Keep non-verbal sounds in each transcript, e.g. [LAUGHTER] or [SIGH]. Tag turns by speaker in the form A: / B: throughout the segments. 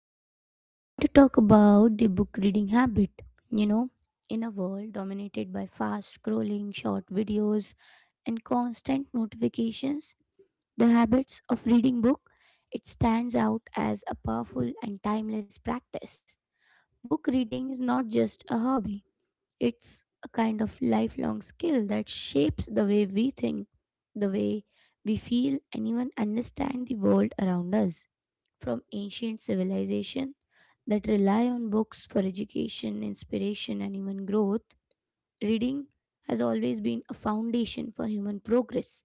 A: Today we are going to talk about the book reading habit. You know, in a world dominated by fast scrolling, short videos, and constant notifications, the habits of reading book it stands out as a powerful and timeless practice. Book reading is not just a hobby. It's a kind of lifelong skill that shapes the way we think, the way we feel, and even understand the world around us. From ancient civilization that rely on books for education, inspiration, and even growth, reading has always been a foundation for human progress.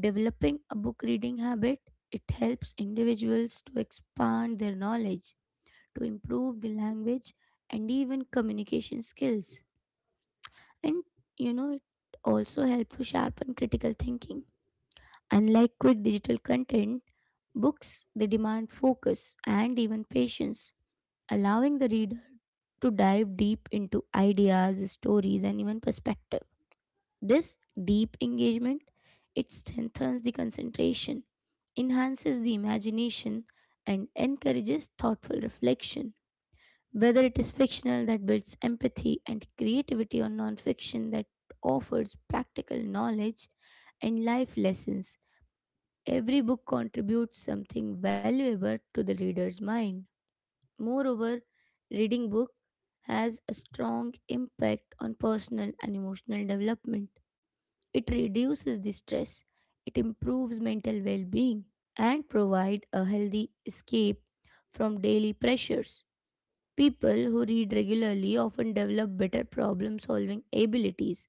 A: Developing a book reading habit, it helps individuals to expand their knowledge, to improve the language, and even communication skills, and it also helps to sharpen critical thinking. Unlike quick digital content, books they demand focus and even patience, allowing the reader to dive deep into ideas, stories, and even perspective. This deep engagement it strengthens the concentration, enhances the imagination, and encourages thoughtful reflection. Whether it is fictional that builds empathy and creativity, or nonfiction that offers practical knowledge and life lessons, every book contributes something valuable to the reader's mind. Moreover, reading book has a strong impact on personal and emotional development. It reduces the stress, it improves mental well-being, and provide a healthy escape from daily pressures. People who read regularly often develop better problem solving abilities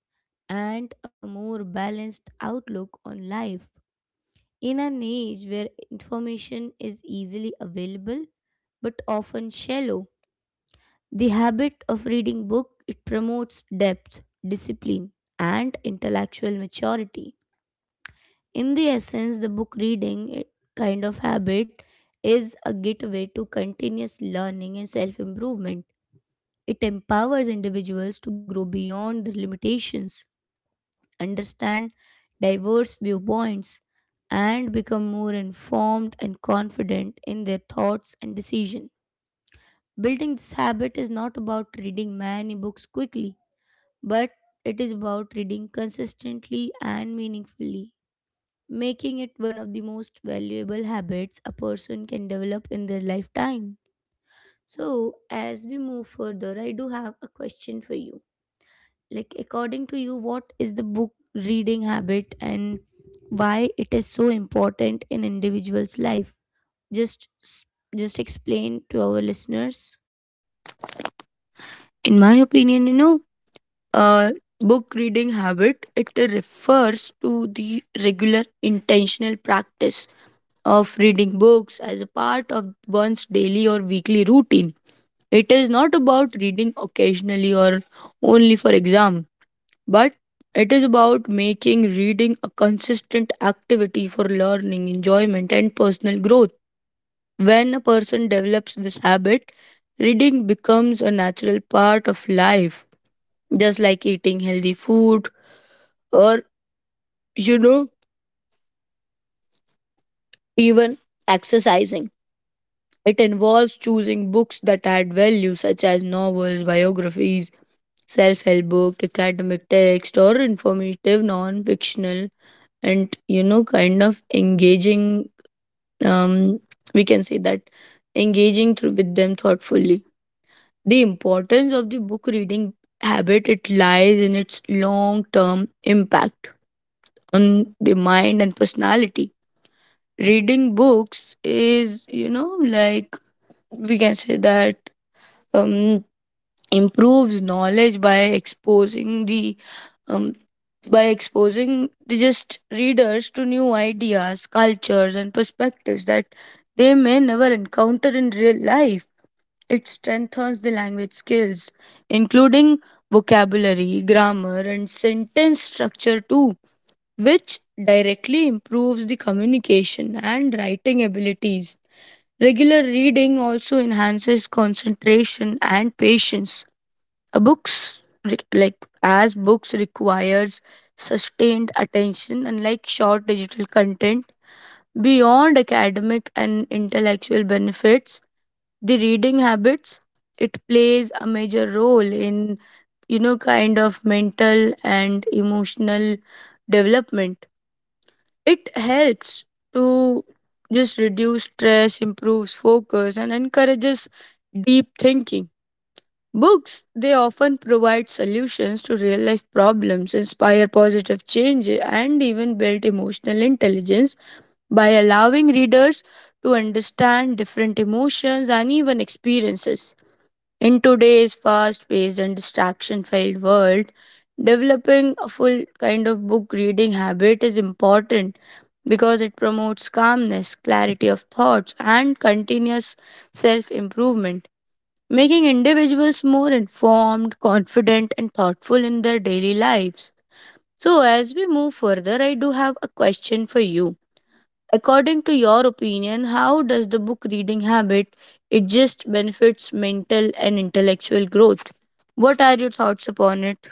A: and a more balanced outlook on life. In an age where information is easily available but often shallow, the habit of reading book it promotes depth, discipline and intellectual maturity. In the essence, the book reading kind of habit is a gateway to continuous learning and self-improvement. It empowers individuals to grow beyond their limitations, understand diverse viewpoints, and become more informed and confident in their thoughts and decision. Building this habit is not about reading many books quickly, but it is about reading consistently and meaningfully, making it one of the most valuable habits a person can develop in their lifetime. So, as we move further, I do have a question for you. Like, according to you, what is the book reading habit and why it is so important in individuals life? Just just explain to our listeners.
B: In my opinion, uh, book reading habit it refers to the regular intentional practice of reading books as a part of one's daily or weekly routine. It is not about reading occasionally or only for exam, but it is about making reading a consistent activity for learning enjoyment and personal growth. When a person develops this habit, reading becomes a natural part of life, just like eating healthy food or, you know, even exercising. It involves choosing books that add value, such as novels, biographies, self help books, academic text, or informative, non fictional, and kind of engaging. Um, we can say that engaging through with them thoughtfully. The importance of the book reading habit it lies in its long-term impact on the mind and personality. Reading books is, we can say that um, improves knowledge by exposing the um, just readers to new ideas, cultures, and perspectives that they may never encounter in real life. It strengthens the language skills, including vocabulary, grammar, and sentence structure too, which directly improves the communication and writing abilities. Regular reading also enhances concentration and patience. Like as books requires sustained attention unlike short digital content. Beyond academic and intellectual benefits, the reading habits it plays a major role in, kind of, mental and emotional development. It helps to just reduce stress, improves focus, and encourages deep thinking. Books, they often provide solutions to real life problems, inspire positive change, and even build emotional intelligence by allowing readers to understand different emotions and even experiences. In today's fast paced and distraction filled world, developing a full kind of book reading habit is important because it promotes calmness, clarity of thoughts, and continuous self improvement, making individuals more informed, confident, and thoughtful in their daily lives. So, as we move further, I do have a question for you. According to your opinion, how does the book reading habit it just benefits mental and intellectual growth? What are your thoughts upon it?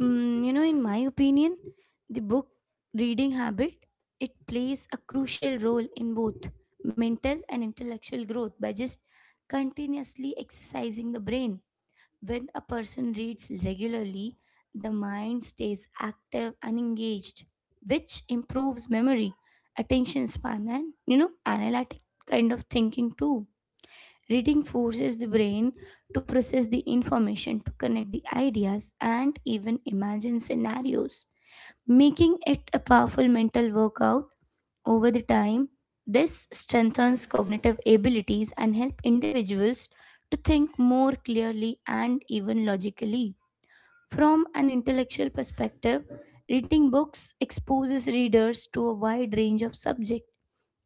A: In my opinion, the book reading habit it plays a crucial role in both mental and intellectual growth by just continuously exercising the brain. When a person reads regularly, the mind stays active and engaged, which improves memory, attention span, and analytic kind of thinking too. Reading forces the brain to process the information, to connect the ideas, and even imagine scenarios, making it a powerful mental workout over the time. This strengthens cognitive abilities and help individuals to think more clearly and even logically. From an intellectual perspective, reading books exposes readers to a wide range of subject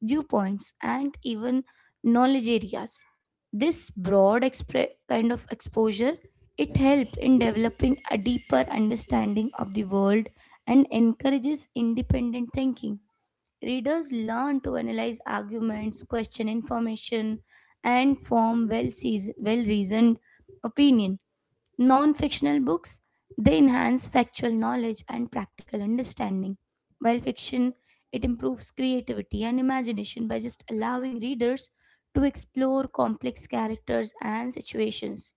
A: viewpoints, and even knowledge areas. This broad kind of exposure it helps in developing a deeper understanding of the world and encourages independent thinking. Readers learn to analyze arguments, question information, and form well-reasoned opinion. Non fictional books they enhance factual knowledge and practical understanding, while fiction it improves creativity and imagination by just allowing readers to explore complex characters and situations.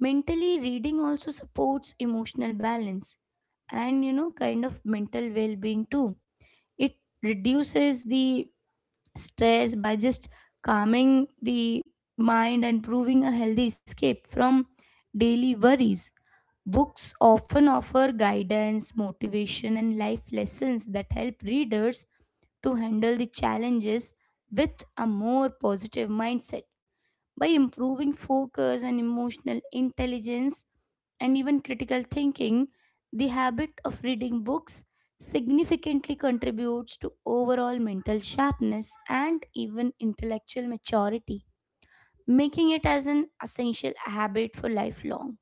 A: Mentally, reading also supports emotional balance and kind of mental well being too. It reduces the stress by just calming the mind and proving a healthy escape from daily worries. Books often offer guidance, motivation, and life lessons that help readers to handle the challenges with a more positive mindset. By improving focus and emotional intelligence, and even critical thinking, the habit of reading books significantly contributes to overall mental sharpness and even intellectual maturity, making it as an essential habit for lifelong.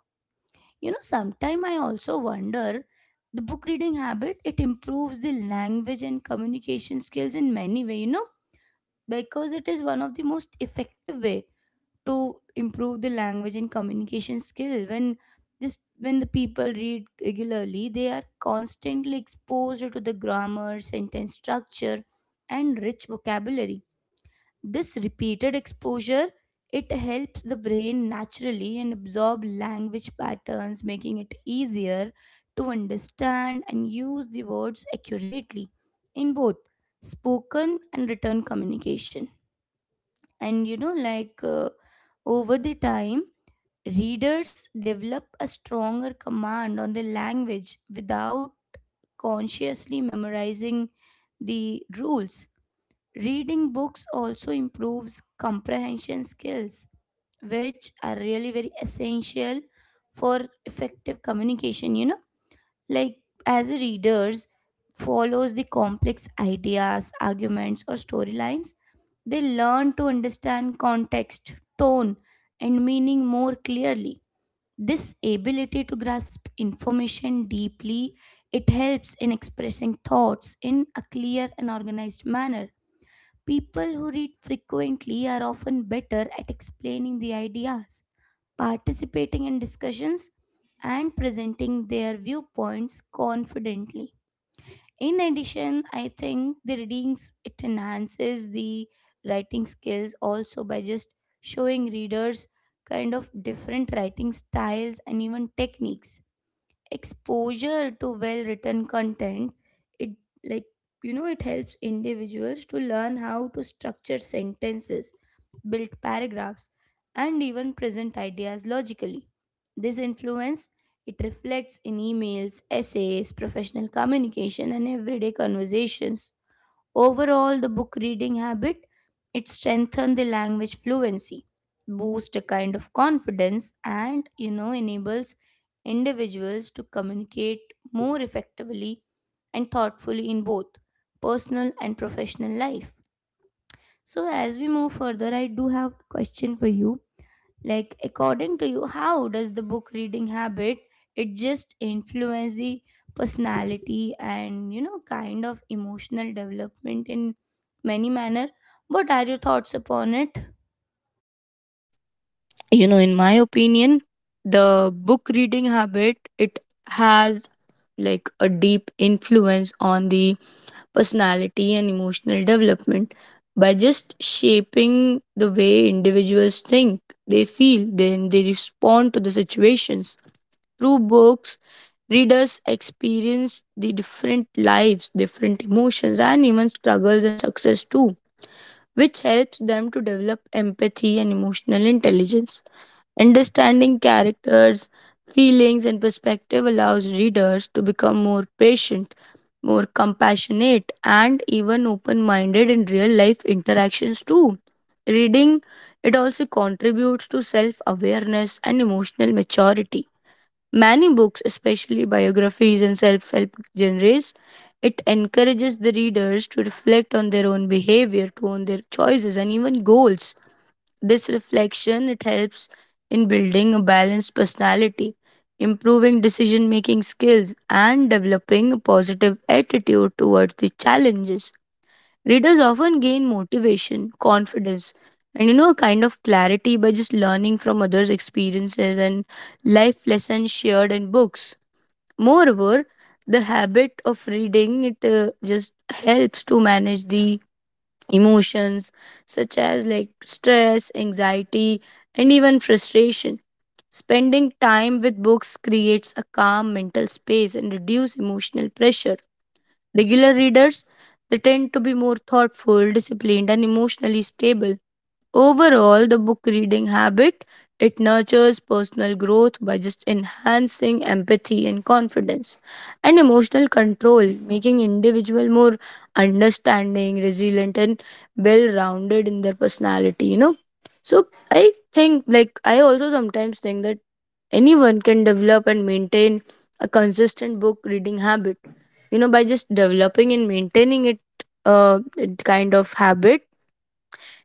A: Sometimes I also wonder the book reading habit it improves the language and communication skills in many way, because it is one of the most effective way to improve the language and communication skill. When the people read regularly they are constantly exposed to the grammar, sentence structure and rich vocabulary. This repeated exposure it helps the brain naturally and absorb language patterns, making it easier to understand and use the words accurately in both spoken and written communication. And like, over the time, readers develop a stronger command on the language without consciously memorizing the rules. Reading books also improves comprehension skills, which are really very essential for effective communication, like as a readers follows the complex ideas, arguments or storylines, they learn to understand context, tone and meaning more clearly. This ability to grasp information deeply, it helps in expressing thoughts in a clear and organized manner. People who read frequently are often better at explaining the ideas, participating in discussions, and presenting their viewpoints confidently. In addition, I think the readings it enhances the writing skills also by just showing readers kind of different writing styles and even techniques. Exposure to well written content it, like, it helps individuals to learn how to structure sentences, build paragraphs, and even present ideas logically. This influence it reflects in emails, essays, professional communication and everyday conversations. Overall, the book reading habit it strengthens the language fluency, boosts a kind of confidence, and enables individuals to communicate more effectively and thoughtfully in both personal and professional life. So as we move further, I do have a question for you, like, according to you, how does the book reading habit it just influence the personality and kind of emotional development in many manner? What are your thoughts upon it?
B: You know, in my opinion, the book reading habit it has like a deep influence on the personality and emotional development by just shaping the way individuals think, they feel, then they respond to the situations. Through books, readers experience the different lives, different emotions, and even struggles and success too, which helps them to develop empathy and emotional intelligence. Understanding characters, feelings, and perspective allows readers to become more patient, more compassionate, and even open minded in real life interactions too. Reading it also contributes to self awareness and emotional maturity. Many books, especially biographies and self help genres, it encourages the readers to reflect on their own behavior, to own their choices, and even goals. This reflection it helps in building a balanced personality, improving decision making skills, and developing a positive attitude towards the challenges. Readers often gain motivation, confidence, and a kind of clarity by just learning from others' experiences and life lessons shared in books. Moreover, the habit of reading it just helps to manage the emotions such as like stress, anxiety, and even frustration. Spending time with books creates a calm mental space and reduce emotional pressure. Regular readers, they tend to be more thoughtful, disciplined, and emotionally stable. Overall, the book reading habit it nurtures personal growth by just enhancing empathy and confidence and emotional control, making individual more understanding, resilient, and well-rounded in their personality. So I think, like, I also sometimes think that anyone can develop and maintain a consistent book reading habit, you know, by just developing and maintaining it. It kind of habit,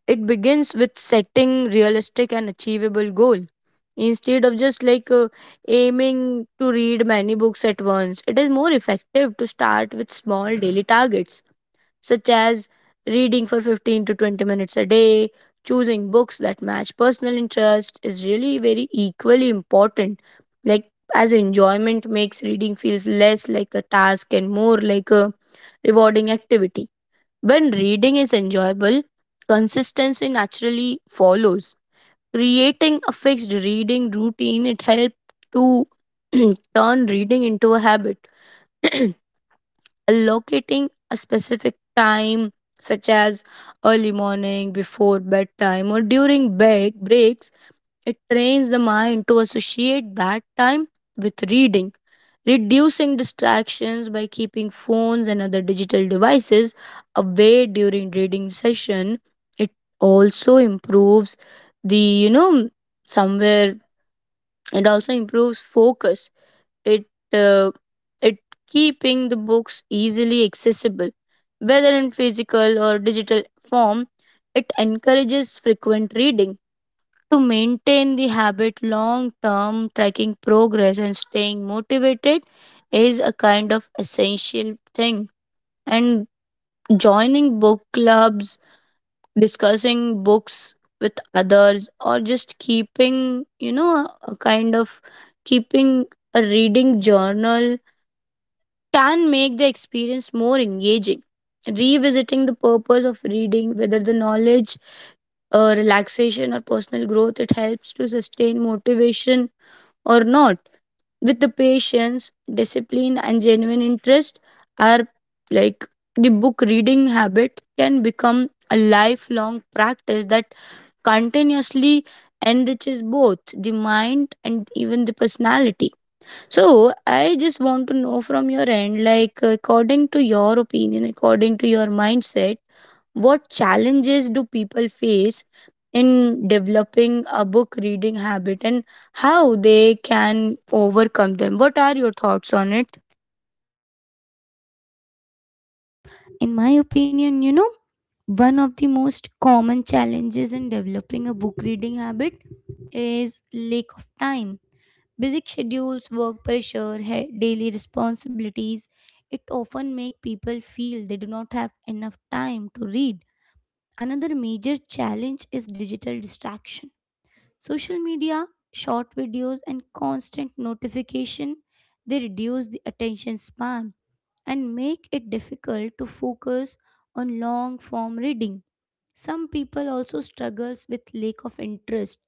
B: it begins with setting realistic and achievable goal. Instead of just, like, aiming to read many books at once, it is more effective to start with small daily targets such as reading for 15 to 20 minutes a day. Choosing books that match personal interest is really very equally important. Like, as enjoyment makes reading feels less like a task and more like a rewarding activity. When reading is enjoyable, consistency naturally follows. Creating a fixed reading routine it helps to [CLEARS THROAT] turn reading into a habit. [CLEARS THROAT] Allocating a specific time, such as early morning, before bedtime, or during breaks, it trains the mind to associate that time with reading. Reducing distractions by keeping phones and other digital devices away during reading session, it also improves the, you know, somewhere, it also improves focus. It uh, it Keeping the books easily accessible, whether in physical or digital form, it encourages frequent reading. To maintain the habit long term, tracking progress and staying motivated is a kind of essential thing, and joining book clubs, discussing books with others, or just keeping you know a kind of keeping a reading journal can make the experience more engaging. Revisiting the purpose of reading, whether the knowledge, relaxation, or personal growth, it helps to sustain motivation or not. With the patience, discipline, and genuine interest, are like the book reading habit can become a lifelong practice that continuously enriches both the mind and even the personality. So, I just want to know from your end, like, according to your opinion, according to your mindset, what challenges do people face in developing a book reading habit, and how they can overcome them? What are your thoughts on it?
A: In my opinion, one of the most common challenges in developing a book reading habit is lack of time. Busy schedules, work pressure, daily responsibilities, it often make people feel they do not have enough time to read. Another major challenge is digital distraction. Social media, short videos, and constant notification they reduce the attention span and make it difficult to focus on long form reading. Some people also struggles with lack of interest,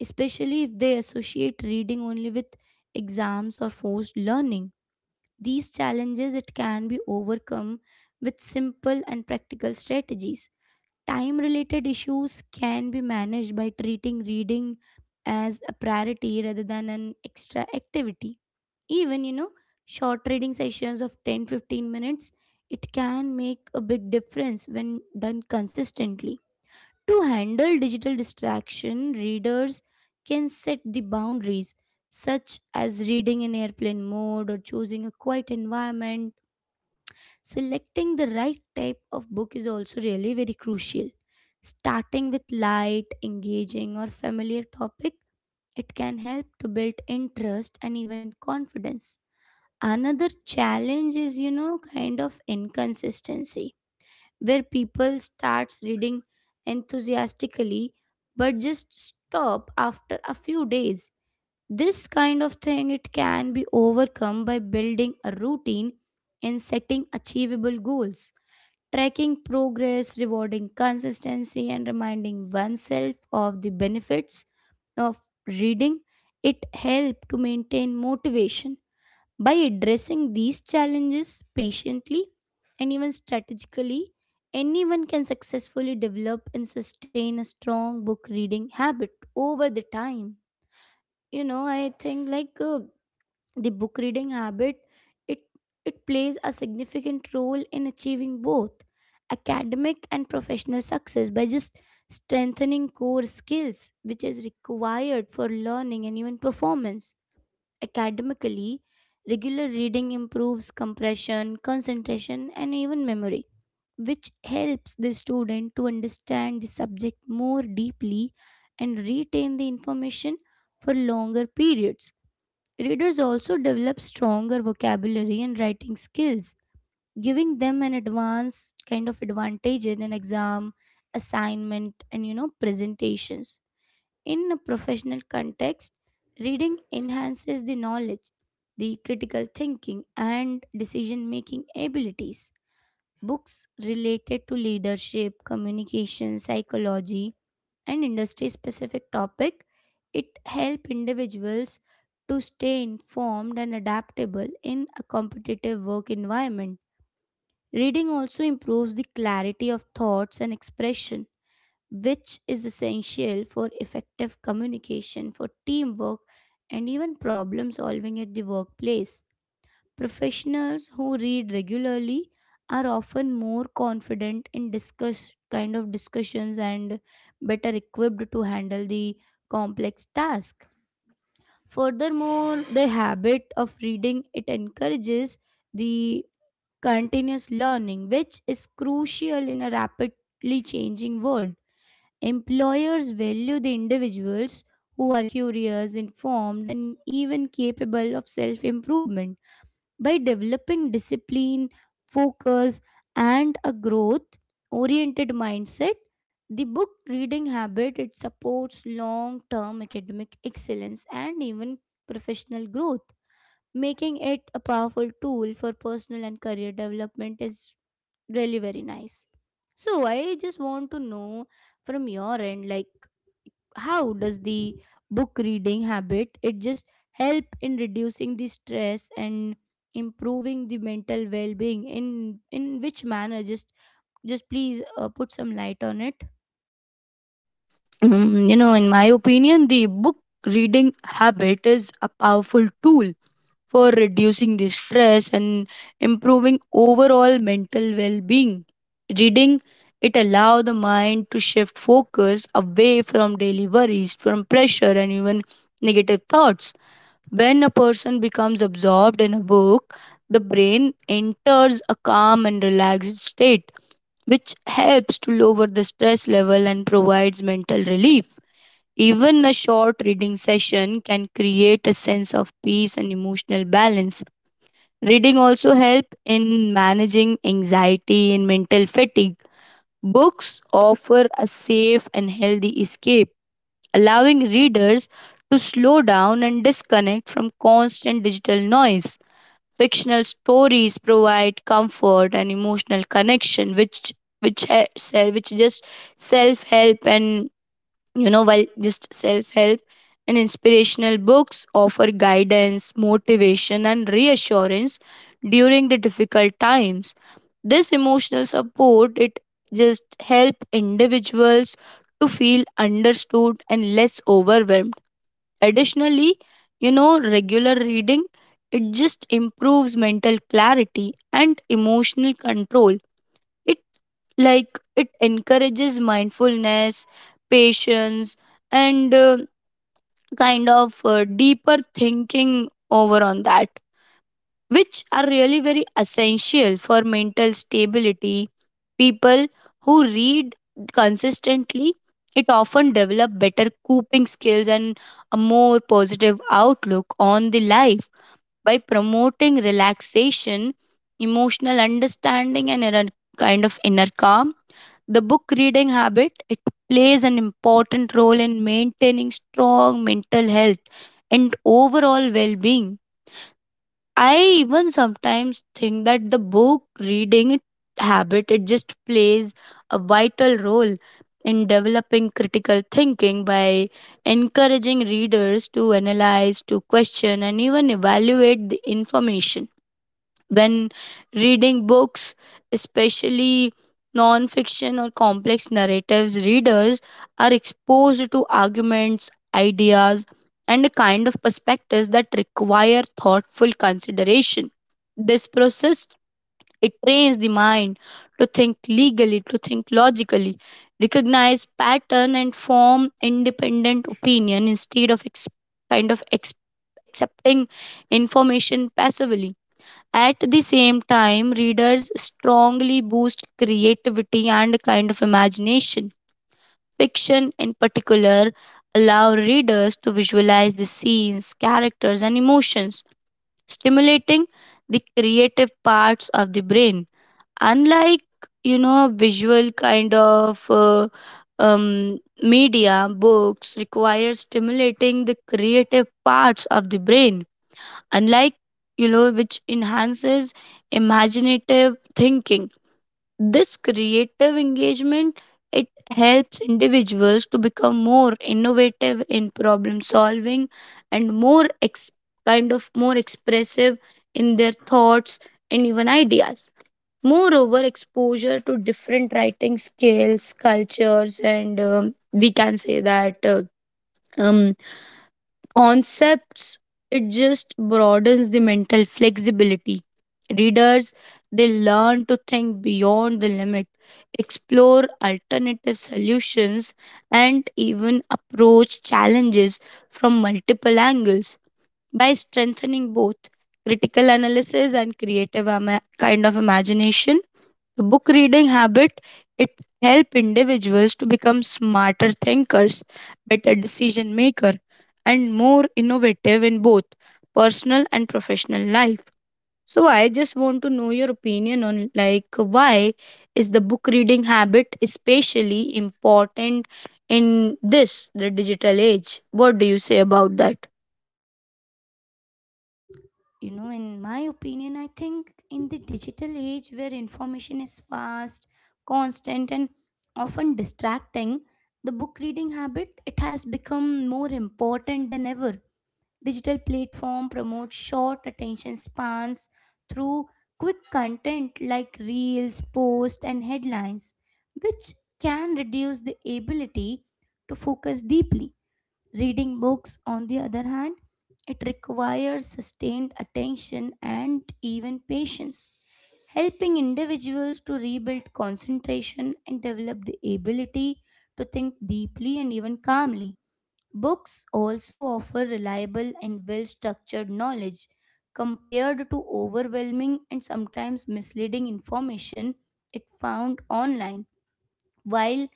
A: especially if they associate reading only with exams or forced learning. These challenges it can be overcome with simple and practical strategies. Time related issues can be managed by treating reading as a priority rather than an extra activity. Even, short reading sessions of 10-15 minutes, it can make a big difference when done consistently. To handle digital distraction, readers can set the boundaries, such as reading in airplane mode or choosing a quiet environment. Selecting the right type of book is also really very crucial. Starting with light, engaging, or familiar topic, it can help to build interest and even confidence. Another challenge is, kind of inconsistency, where people starts reading enthusiastically but just stop after a few days. This kind of thing it can be overcome by building a routine and setting achievable goals. Tracking progress, rewarding consistency, and reminding oneself of the benefits of reading, it helps to maintain motivation. By addressing these challenges patiently and even strategically, anyone can successfully develop and sustain a strong book reading habit over the time. I think, like, the book reading habit it it plays a significant role in achieving both academic and professional success by just strengthening core skills which is required for learning and even performance. Academically, regular reading improves compression, concentration and even memory which helps the student to understand the subject more deeply and retain the information for longer periods. Readers also develop stronger vocabulary and writing skills, giving them an advanced kind of advantage in an exam, assignment, and presentations. In a professional context, reading enhances the knowledge, the critical thinking, and decision making abilities. Books related to leadership, communication, psychology, and industry specific topic it help individuals to stay informed and adaptable in a competitive work environment. Reading also improves the clarity of thoughts and expression which is essential for effective communication, for teamwork and even problem solving at the workplace. Professionals who read regularly are often more confident in discuss kind of discussions and better equipped to handle the complex task. Furthermore, the habit of reading it encourages the continuous learning, which is crucial in a rapidly changing world. Employers value the individuals who are curious, informed, and even capable of self improvement. By developing discipline, focus, and a growth oriented mindset, the book reading habit it supports long term academic excellence and even professional growth, making it a powerful tool for personal and career development is really very nice. So I just want to know from your end, like, how does the book reading habit it just help in reducing the stress and improving the mental well-being? In which manner, just please put some light on it.
B: Mm, you know, in my opinion, the book reading habit is a powerful tool for reducing the stress and improving overall mental well-being. Reading it allow the mind to shift focus away from daily worries, from pressure, and even negative thoughts. When a person becomes absorbed in a book, the brain enters a calm and relaxed state, which helps to lower the stress level and provides mental relief. Even a short reading session can create a sense of peace and emotional balance. Reading also help in managing anxiety and mental fatigue. Books offer a safe and healthy escape, allowing readers to slow down and disconnect from constant digital noise. Fictional stories provide comfort and emotional connection, which just self help and, while just self help and inspirational books offer guidance, motivation, and reassurance during the difficult times. This emotional support, it just help individuals to feel understood and less overwhelmed. Additionally, you know, regular reading it just improves mental clarity and emotional control. It like it encourages mindfulness, patience, and deeper thinking over on that, which are really very essential for mental stability. People who read consistently, it often develop better coping skills and a more positive outlook on the life. By promoting relaxation, emotional understanding, and inner kind of inner calm, the book reading habit it plays an important role in maintaining strong mental health and overall well-being. I even sometimes think that the reading it- habit it just plays a vital role in developing critical thinking by encouraging readers to analyze, to question, and even evaluate the information. When reading books, especially non fiction or complex narratives, readers are exposed to arguments, ideas, and a kind of perspectives that require thoughtful consideration. This process it trains the mind to think logically, recognize pattern, and form independent opinion instead of kind of ex- accepting information passively. At the same time, readers strongly boost creativity and kind of imagination. Fiction, in particular, allow readers to visualize the scenes, characters, and emotions, stimulating the creative parts of the brain. Unlike, you know, visual kind of media, books require stimulating the creative parts of the brain, unlike, you know, which enhances imaginative thinking. This creative engagement, it helps individuals to become more innovative in problem solving and more ex- kind of more expressive in their thoughts and even ideas. Moreover, exposure to different writing skills, cultures, and, we can say that um, concepts, it just broadens the mental flexibility. Readers, they learn to think beyond the limit, explore alternative solutions, and even approach challenges from multiple angles. By strengthening both critical analysis and creative ama- kind of imagination, the book reading habit it help individuals to become smarter thinkers, better decision maker, and more innovative in both personal and professional life. So I just want to know your opinion on, like, why is the book reading habit especially important in this the digital age? What do you say about that?
A: In my opinion, I think in the digital age where information is fast, constant, and often distracting, the book reading habit it has become more important than ever. Digital platform promote short attention spans through quick content like reels, posts and headlines, which can reduce the ability to focus deeply. Reading books on the other hand, it requires sustained attention and even patience, helping individuals to rebuild concentration and develop the ability to think deeply and even calmly. Books also offer reliable and well structured knowledge compared to overwhelming and sometimes misleading information it found online. While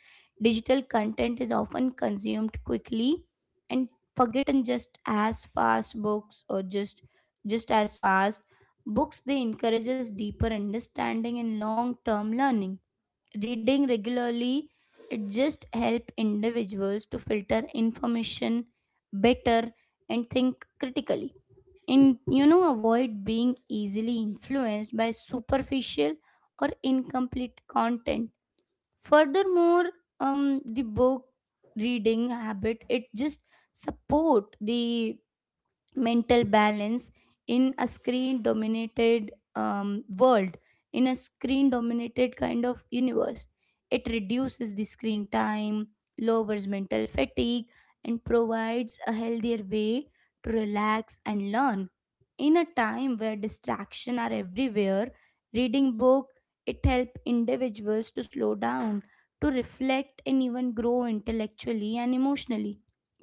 A: digital content is often consumed quickly and forgotten just as fast, books, or just as fast, books they encourages deeper understanding and long term learning. Reading regularly it just help individuals to filter information better and think critically and avoid being easily influenced by superficial or incomplete content. Furthermore, the book reading habit it just support the mental balance in a screen dominated kind of universe. It reduces the screen time, lowers mental fatigue and provides a healthier way to relax and learn. In a time where distraction are everywhere, reading book it help individuals to slow down, to reflect and even grow intellectually and emotionally.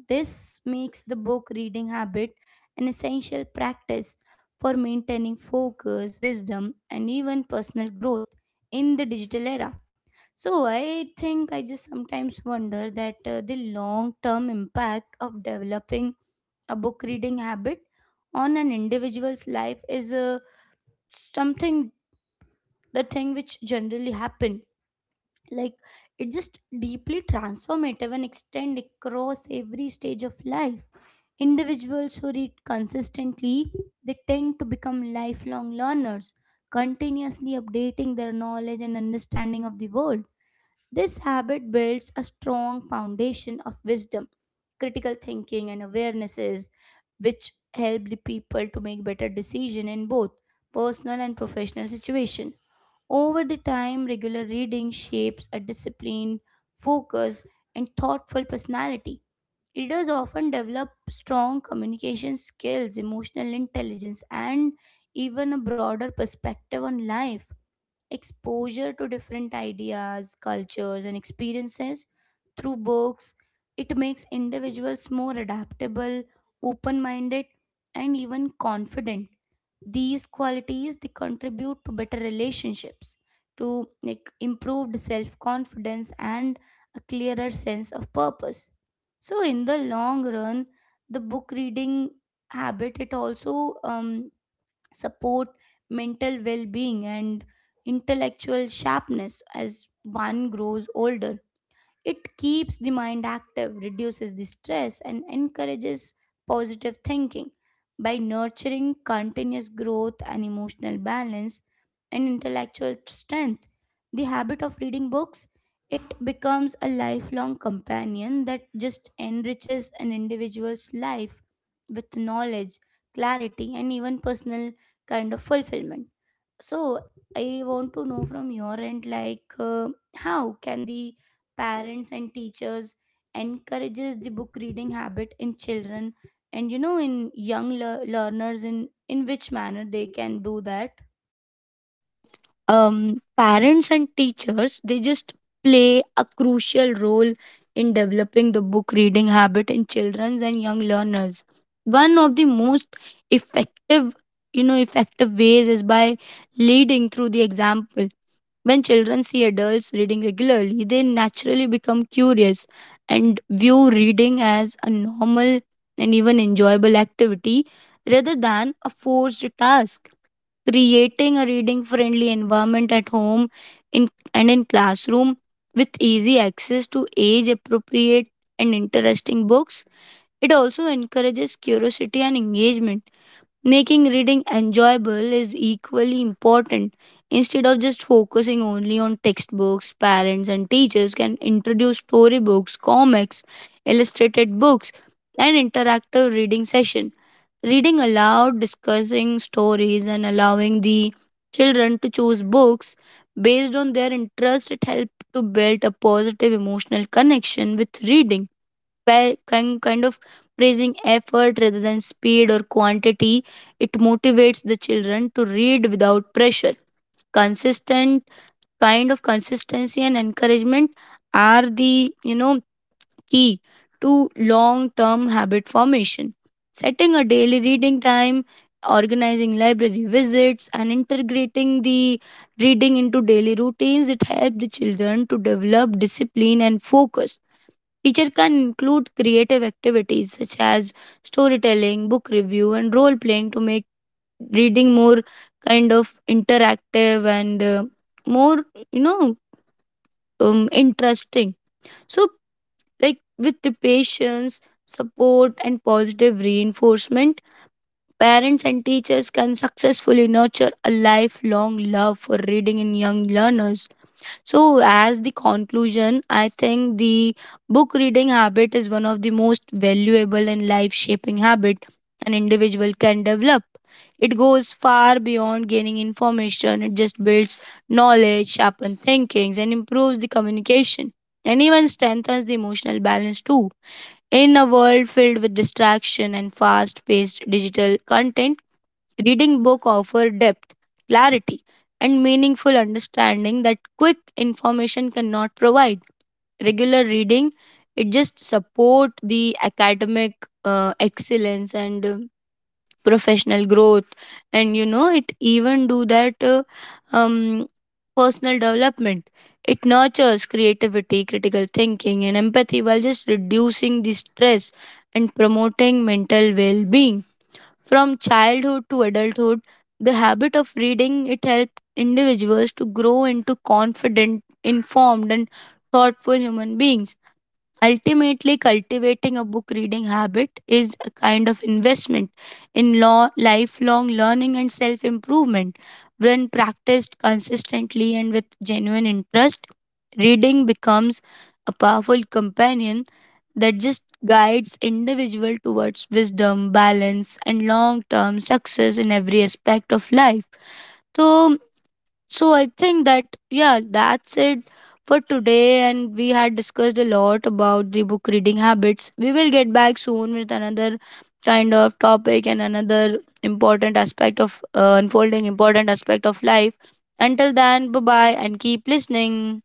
A: This makes the book reading habit an essential practice for maintaining focus, wisdom, and even personal growth in the digital era. So, I think I just sometimes wonder that the long term impact of developing a book reading habit on an individual's life is, something, the thing which generally happen, like it just deeply transformative and extend across every stage of life. Individuals who read consistently, they tend to become lifelong learners, continuously updating their knowledge and understanding of the world. This habit builds a strong foundation of wisdom, critical thinking and awarenesses which help the people to make better decisions in both personal and professional situation. Over the time, regular reading shapes a disciplined, focused and thoughtful personality. Leaders often develop strong communication skills, emotional intelligence, and even a broader perspective on life. Exposure to different ideas, cultures, and experiences through books, it makes individuals more adaptable, open minded, and even confident. These qualities they contribute to better relationships, to like improved self confidence and a clearer sense of purpose. So in the long run the book reading habit it also support mental well being and intellectual sharpness as one grows older. It keeps the mind active, reduces the stress, and encourages positive thinking. By nurturing continuous growth and emotional balance and intellectual strength, the habit of reading books it becomes a lifelong companion that just enriches an individual's life with knowledge, clarity, and even personal kind of fulfillment. So I want to know from your end, like, how can the parents and teachers encourages the book reading habit in children and in young learners? In which manner they can do that?
B: Parents and teachers, they just play a crucial role in developing the book reading habit in children and young learners. One of the most effective, effective ways is by leading through the example. When children see adults reading regularly, they naturally become curious and view reading as a normal and even enjoyable activity rather than a forced task. Creating a reading friendly environment at home, and in classroom, with easy access to age appropriate and interesting books, it also encourages curiosity and engagement. Making reading enjoyable is equally important. Instead of just focusing only on textbooks, parents and teachers can introduce storybooks, comics, illustrated books, and interactive reading session. Reading aloud, discussing stories, and allowing the children to choose books based on their interest, it helps to build a positive emotional connection with reading. pa- kind kind of Praising effort rather than speed or quantity, it motivates the children to read without pressure. Consistent kind of Consistency and encouragement are the, you know, key to long term habit formation. Setting a daily reading time, organizing library visits, and integrating the reading into daily routines, it helps the children to develop discipline and focus. Teacher can include creative activities such as storytelling, book review, and role playing to make reading more kind of interactive and, more, you know, interesting. So, like, with the patience, support, and positive reinforcement, parents and teachers can successfully nurture a lifelong love for reading in young learners. So, as the conclusion, I think the book reading habit is one of the most valuable and life shaping habit an individual can develop. It goes far beyond gaining information. It just builds knowledge, sharpens thinkings, and improves the communication, and even strengthens the emotional balance too. In a world filled with distraction and fast paced digital content, reading book offer depth, clarity, and meaningful understanding that quick information cannot provide. Regular reading it just support the academic excellence and professional growth, and, you know, it even do that um, personal development. It nurtures creativity, critical thinking, and empathy, while just reducing the stress and promoting mental well-being. From childhood to adulthood, the habit of reading it helped individuals to grow into confident, informed, and thoughtful human beings. Ultimately, cultivating a book reading habit is a kind of investment in lifelong learning and self improvement. When practiced consistently and with genuine interest, reading becomes a powerful companion that just guides individual towards wisdom, balance, and long term success in every aspect of life. So I think that, yeah, that's it for today, and we had discussed a lot about the book reading habits. We will get back soon with another kind of topic and another important aspect of unfolding important aspect of life. Until then, bye-bye and keep listening.